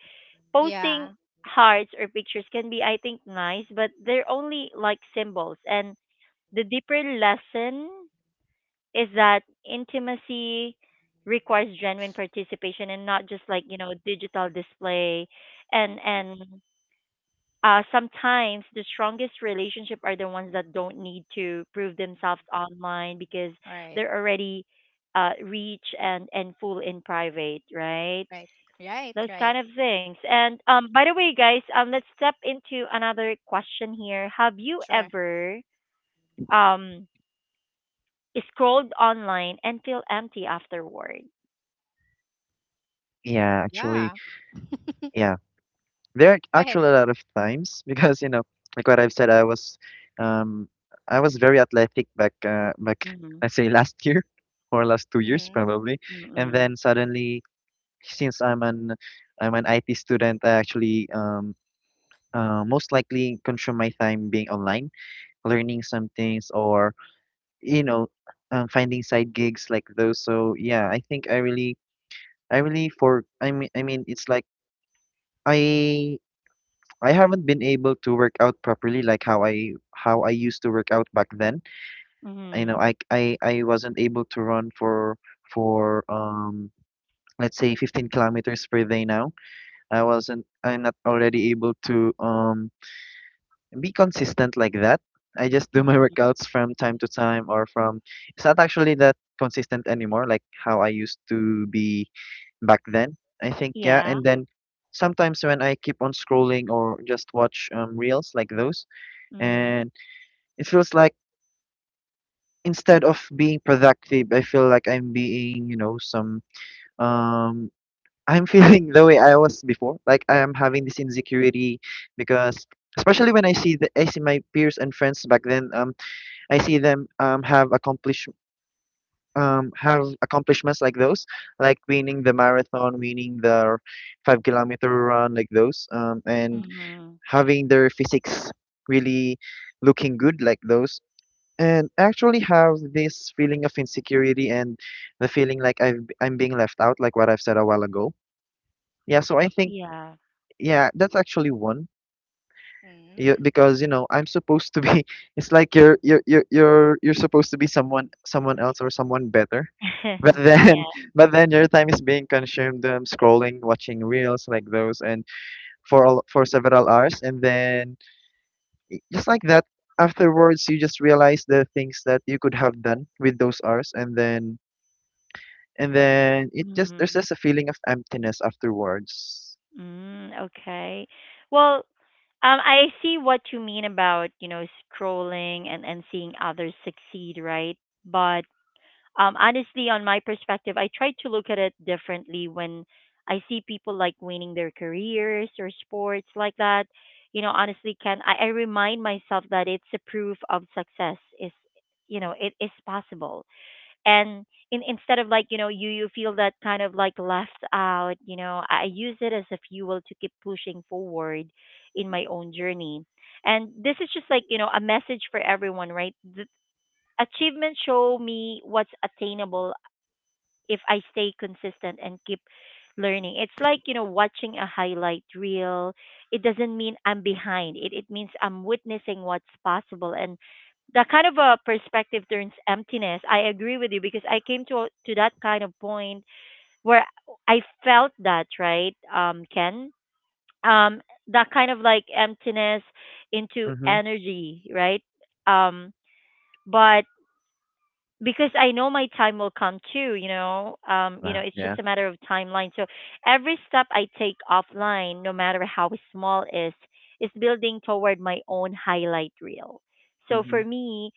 Posting Yeah. hearts or pictures can be, I think, nice, but they're only like symbols. And the deeper lesson is that intimacy requires genuine participation and not just, like you know, digital display, and sometimes the strongest relationship are the ones that don't need to prove themselves online because Right. they're already rich and full in private, right? Right. Right. Those kind Right. of things. And by the way guys, let's step into another question here. Have you Sure. ever um scrolled online and feel empty afterward? Yeah, actually, Yeah. yeah, there are Go actually a ahead. lot of times because like what I've said, um I was very athletic back, back, Mhm, I say last year, or last 2 years Mm-hmm. probably, and mm, then suddenly, since I'm an IT student, I actually most likely consume my time being online, learning some things, or you know, finding side gigs like those. So yeah, I think I really, for I mean, it's like I I haven't been able to work out properly, like how I used to work out back then. You know, mhm, I I I wasn't able to run for let's say 15 kilometers per day. Now I'm not already able to be consistent like that. I just do my Mm-hmm. mm, workouts from time to time, or from it's not actually that consistent anymore, like how I used to be back then. I think, yeah, yeah, and then sometimes when I keep on scrolling or just watch, reels like those, mm, and it feels like instead of being productive, I feel like I'm being, some um I'm feeling the way I was before. Like, I am having this insecurity because especially when I see the I see my peers and friends back then, I see them have accomplishments like those, like winning the marathon, winning the 5 kilometer run, like those, and Mm-hmm. mhm, having their physics really looking good, like those. And I actually have this feeling of insecurity, and the feeling like I'm being left out, like what I've said a while ago. Yeah, so I think, yeah. yeah, that's actually one. Yeah, Mm-hmm. because I'm supposed to be, it's like you're supposed to be someone else, or someone better. But then Yeah. but then your time is being consumed, scrolling, watching reels like those, and for several hours, and then, just like that, afterwards you just realize the things that you could have done with those hours, and then it just there's Mhm. just a feeling of emptiness afterwards. Mm, okay. Well, I see what you mean about, you know, scrolling and seeing others succeed, right? But um, honestly, on my perspective, I try to look at it differently when I see people like winning their careers or sports like that. You know, honestly, can I remind myself that it's a proof of success is, you know, it is possible. And instead of like, you know, you feel that kind of like left out, you know, I use it as a fuel to keep pushing forward in my own journey. And this is just like, you know, a message for everyone, right? The achievements show me what's attainable if I stay consistent and keep learning. It's like, you know, watching a highlight reel. It doesn't mean I'm behind. It means I'm witnessing what's possible, and that kind of a perspective turns emptiness. I agree with you because I came to that kind of point where I felt that, right? Ken. Um, that kind of like emptiness into Mhm. energy, right? Um, but because I know my time will come too, you know. You Wow. know, it's Yeah. just a matter of timeline. So every step I take offline, no matter how small is building toward my own highlight reel. So Mhm. for me,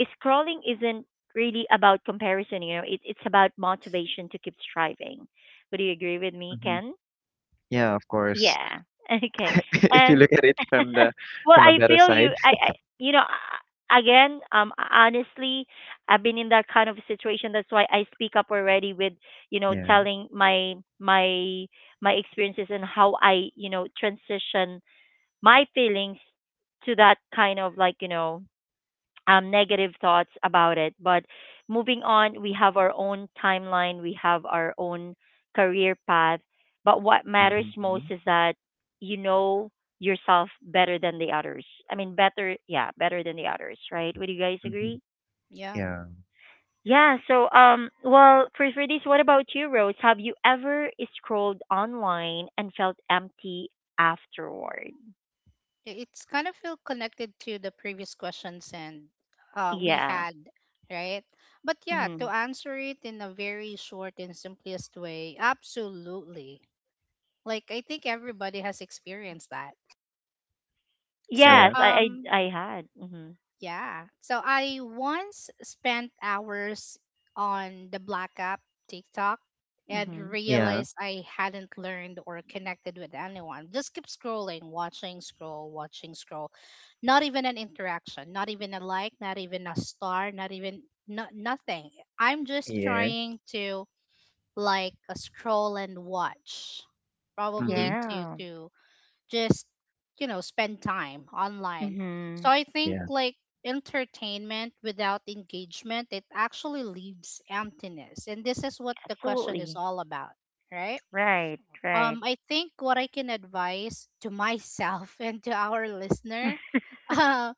scrolling isn't really about comparison, you know, it's about motivation to keep striving. Would you agree with me, Mhm. Ken? Yeah, of course. Yeah. Okay. If you And look at it from the well, from a I better feel side. you. I you know, again, honestly, I've been in that kind of situation. That's why I speak up already with, you know, Yeah. telling my my experiences and how I, you know, transition my feelings to that kind of like, you know, negative thoughts about it. But moving on, we have our own timeline, we have our own career path. But what matters most Mhm. is that you know yourself better than the others. I mean, better, yeah, better than the others, right? Would you guys Mhm. agree? Yeah. Yeah. Yeah, so um, well, for this, what about you, Rose? Have you ever scrolled online and felt empty afterward? It's kind of feel connected to the previous questions and we Yeah. had, right? But yeah, to Mhm. answer it in a very short and simplest way, absolutely. Like, I think everybody has experienced that. So Yeah. Yes, I I I had. Mhm. yeah. So I once spent hours on the Black App, TikTok, and Mhm. Yeah. realized I hadn't learned or connected with anyone. Just keep scrolling, watching, scroll, watching, scroll. Not even an interaction, not even a like, not even a star, not even no, nothing. I'm just Yeah. trying to like scroll and watch. Mhm. Probably to Yeah. to just you know spend time online. So Mhm. I think Yeah. like entertainment without engagement, it actually leaves emptiness, and this is what the question is Absolutely. all about, right? Right, right. I think what I can advise to myself and to our listener, uh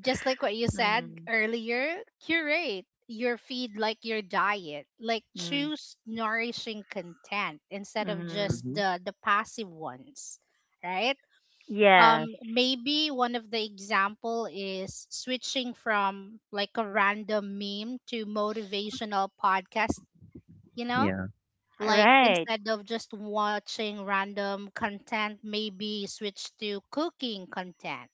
just like what you said mm. earlier, curate your feed like your diet, like Mm. choose nourishing content instead of just Mhm. Mhm. the passive ones, right? Yes. Maybe one of the example is switching from like a random meme to motivational podcast, you know, Yeah. like Right. instead of just watching random content, maybe switch to cooking content.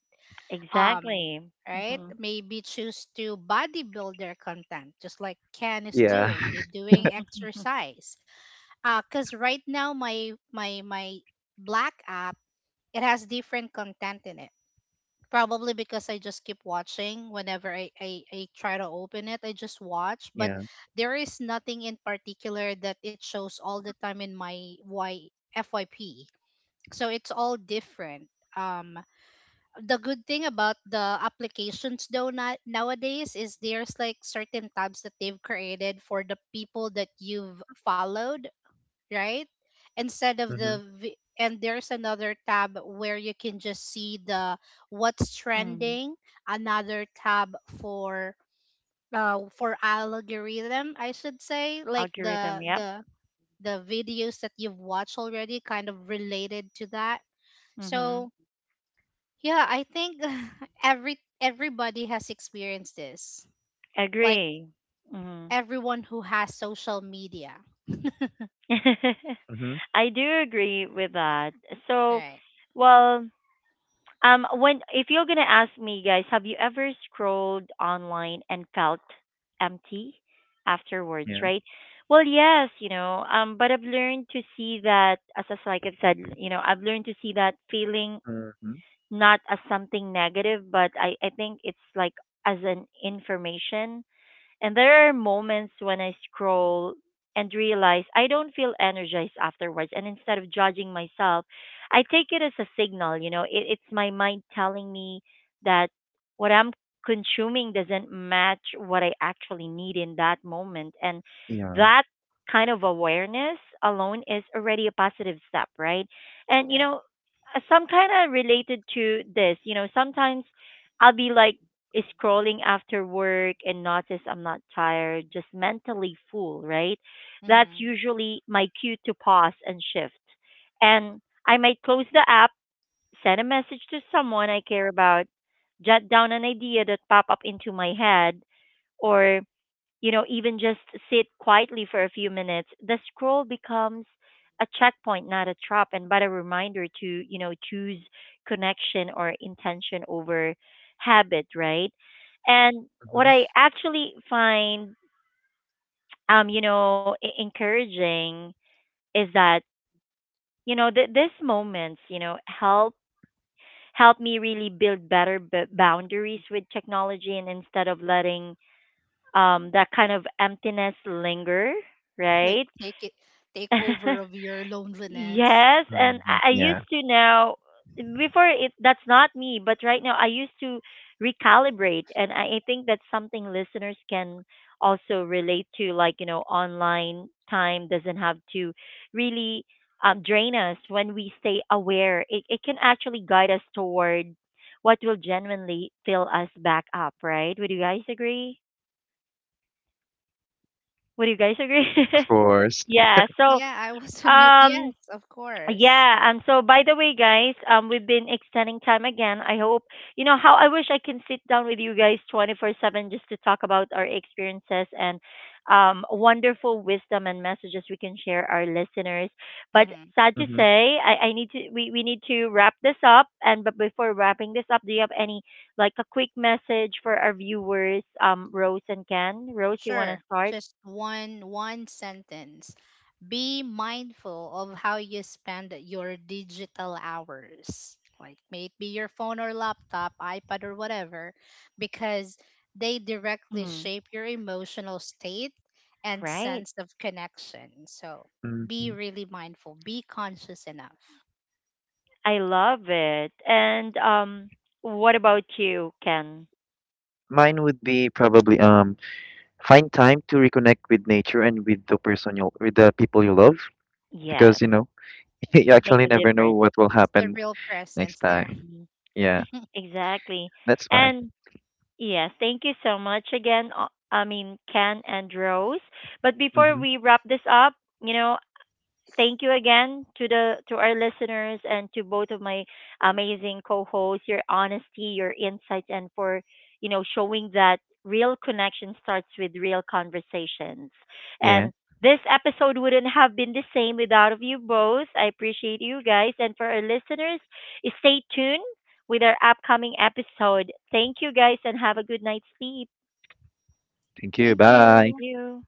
um Exactly. right, Mhm. maybe choose to bodybuilder content, just like Ken is Yeah. doing, they doing exercise. Because right now my black app, it has different content in it. Probably because I just keep watching whenever I try to open it, I just watch. But Yeah. there is nothing in particular that it shows all the time in my FYP. So it's all different. Um, the good thing about the applications though not nowadays is there's like certain tabs that they've created for the people that you've followed, right? Instead of Mhm. the and there's another tab where you can just see the what's Mm. trending, another tab for for algorithm, I should say, like Algorithm, the yep. the the videos that you've watched already kind of related to that. Mhm. So, yeah, I think everybody has experienced this. Like Agree. Mhm. everyone who has social media. Mhm. I do agree with that. So, Right. well, um, when if you're gonna ask me, guys, have you ever scrolled online and felt empty afterwards? Yeah. Right. Well, yes, you know. But I've learned to see that, as like I've said, you know, I've learned to see that feeling Mhm. not as something negative, but I think it's like as an information, and there are moments when I scroll and realize I don't feel energized afterwards. And instead of judging myself, I take it as a signal. You know, it's my mind telling me that what I'm consuming doesn't match what I actually need in that moment. And Yeah. that kind of awareness alone is already a positive step, right? And, you Right. know, some kind of related to this, you know, sometimes I'll be like, scrolling after work and notice I'm not tired, just mentally full, right? That's Mhm. usually my cue to pause and shift. And I might close the app, send a message to someone I care about, jot down an idea that pop up into my head, or you know, even just sit quietly for a few minutes, the scroll becomes a checkpoint, not a trap, and but a reminder to, you know, choose connection or intention over habit, right? And what Mhm. I actually find, you know, encouraging is that, you know, these moments, you know, help me really build better boundaries with technology, and instead of letting that kind of emptiness linger, Like, right? Take over of your loneliness. Yes, and Mhm. I Yeah. used to now, before it that's not me, but right now I used to recalibrate, and I think that's something listeners can also relate to, like, you know, online time doesn't have to really drain us when we stay aware. It can actually guide us toward what will genuinely fill us back up, right? Would you guys agree? Would you guys agree? Of course. Yeah, so Yeah, I was on mute. Yes, um, of course. yeah, um, so by the way guys, um, we've been extending time again. I hope you know how I wish I can sit down with you guys 24/7 just to talk about our experiences and wonderful wisdom and messages we can share our listeners. But Hmm. sad to Mhm. say, I need to we need to wrap this up, and but before wrapping this up, do you have any like a quick message for our viewers Rose and Ken? Rose, you want to Sure, start? just one sentence. Be mindful of how you spend your digital hours, like may it be your phone or laptop, iPad or whatever, because they directly Mm, shape your emotional state and right. sense of connection. So be Mhm. really mindful, be conscious enough. I love it. And what about you, Ken? Mine would be probably, find time to reconnect with nature, and with the person you with the people you love, Yes, because you it makes actually a never know difference. what will The happen real next presence there. time. Hmm Yeah. Exactly. That's mine. And yes, thank you so much again. Uh, I mean, Ken and Rose. But before Mhm. we wrap this up, you know, thank you again to the to our listeners and to both of my amazing co-hosts, your honesty, your insights, and for you know showing that real connection starts with real conversations, Yeah. and this episode wouldn't have been the same without of you both. I appreciate you guys, and for our listeners, stay tuned with our upcoming episode. Thank you guys, and have a good night's sleep. Thank you. Thank Bye. Thank you. you.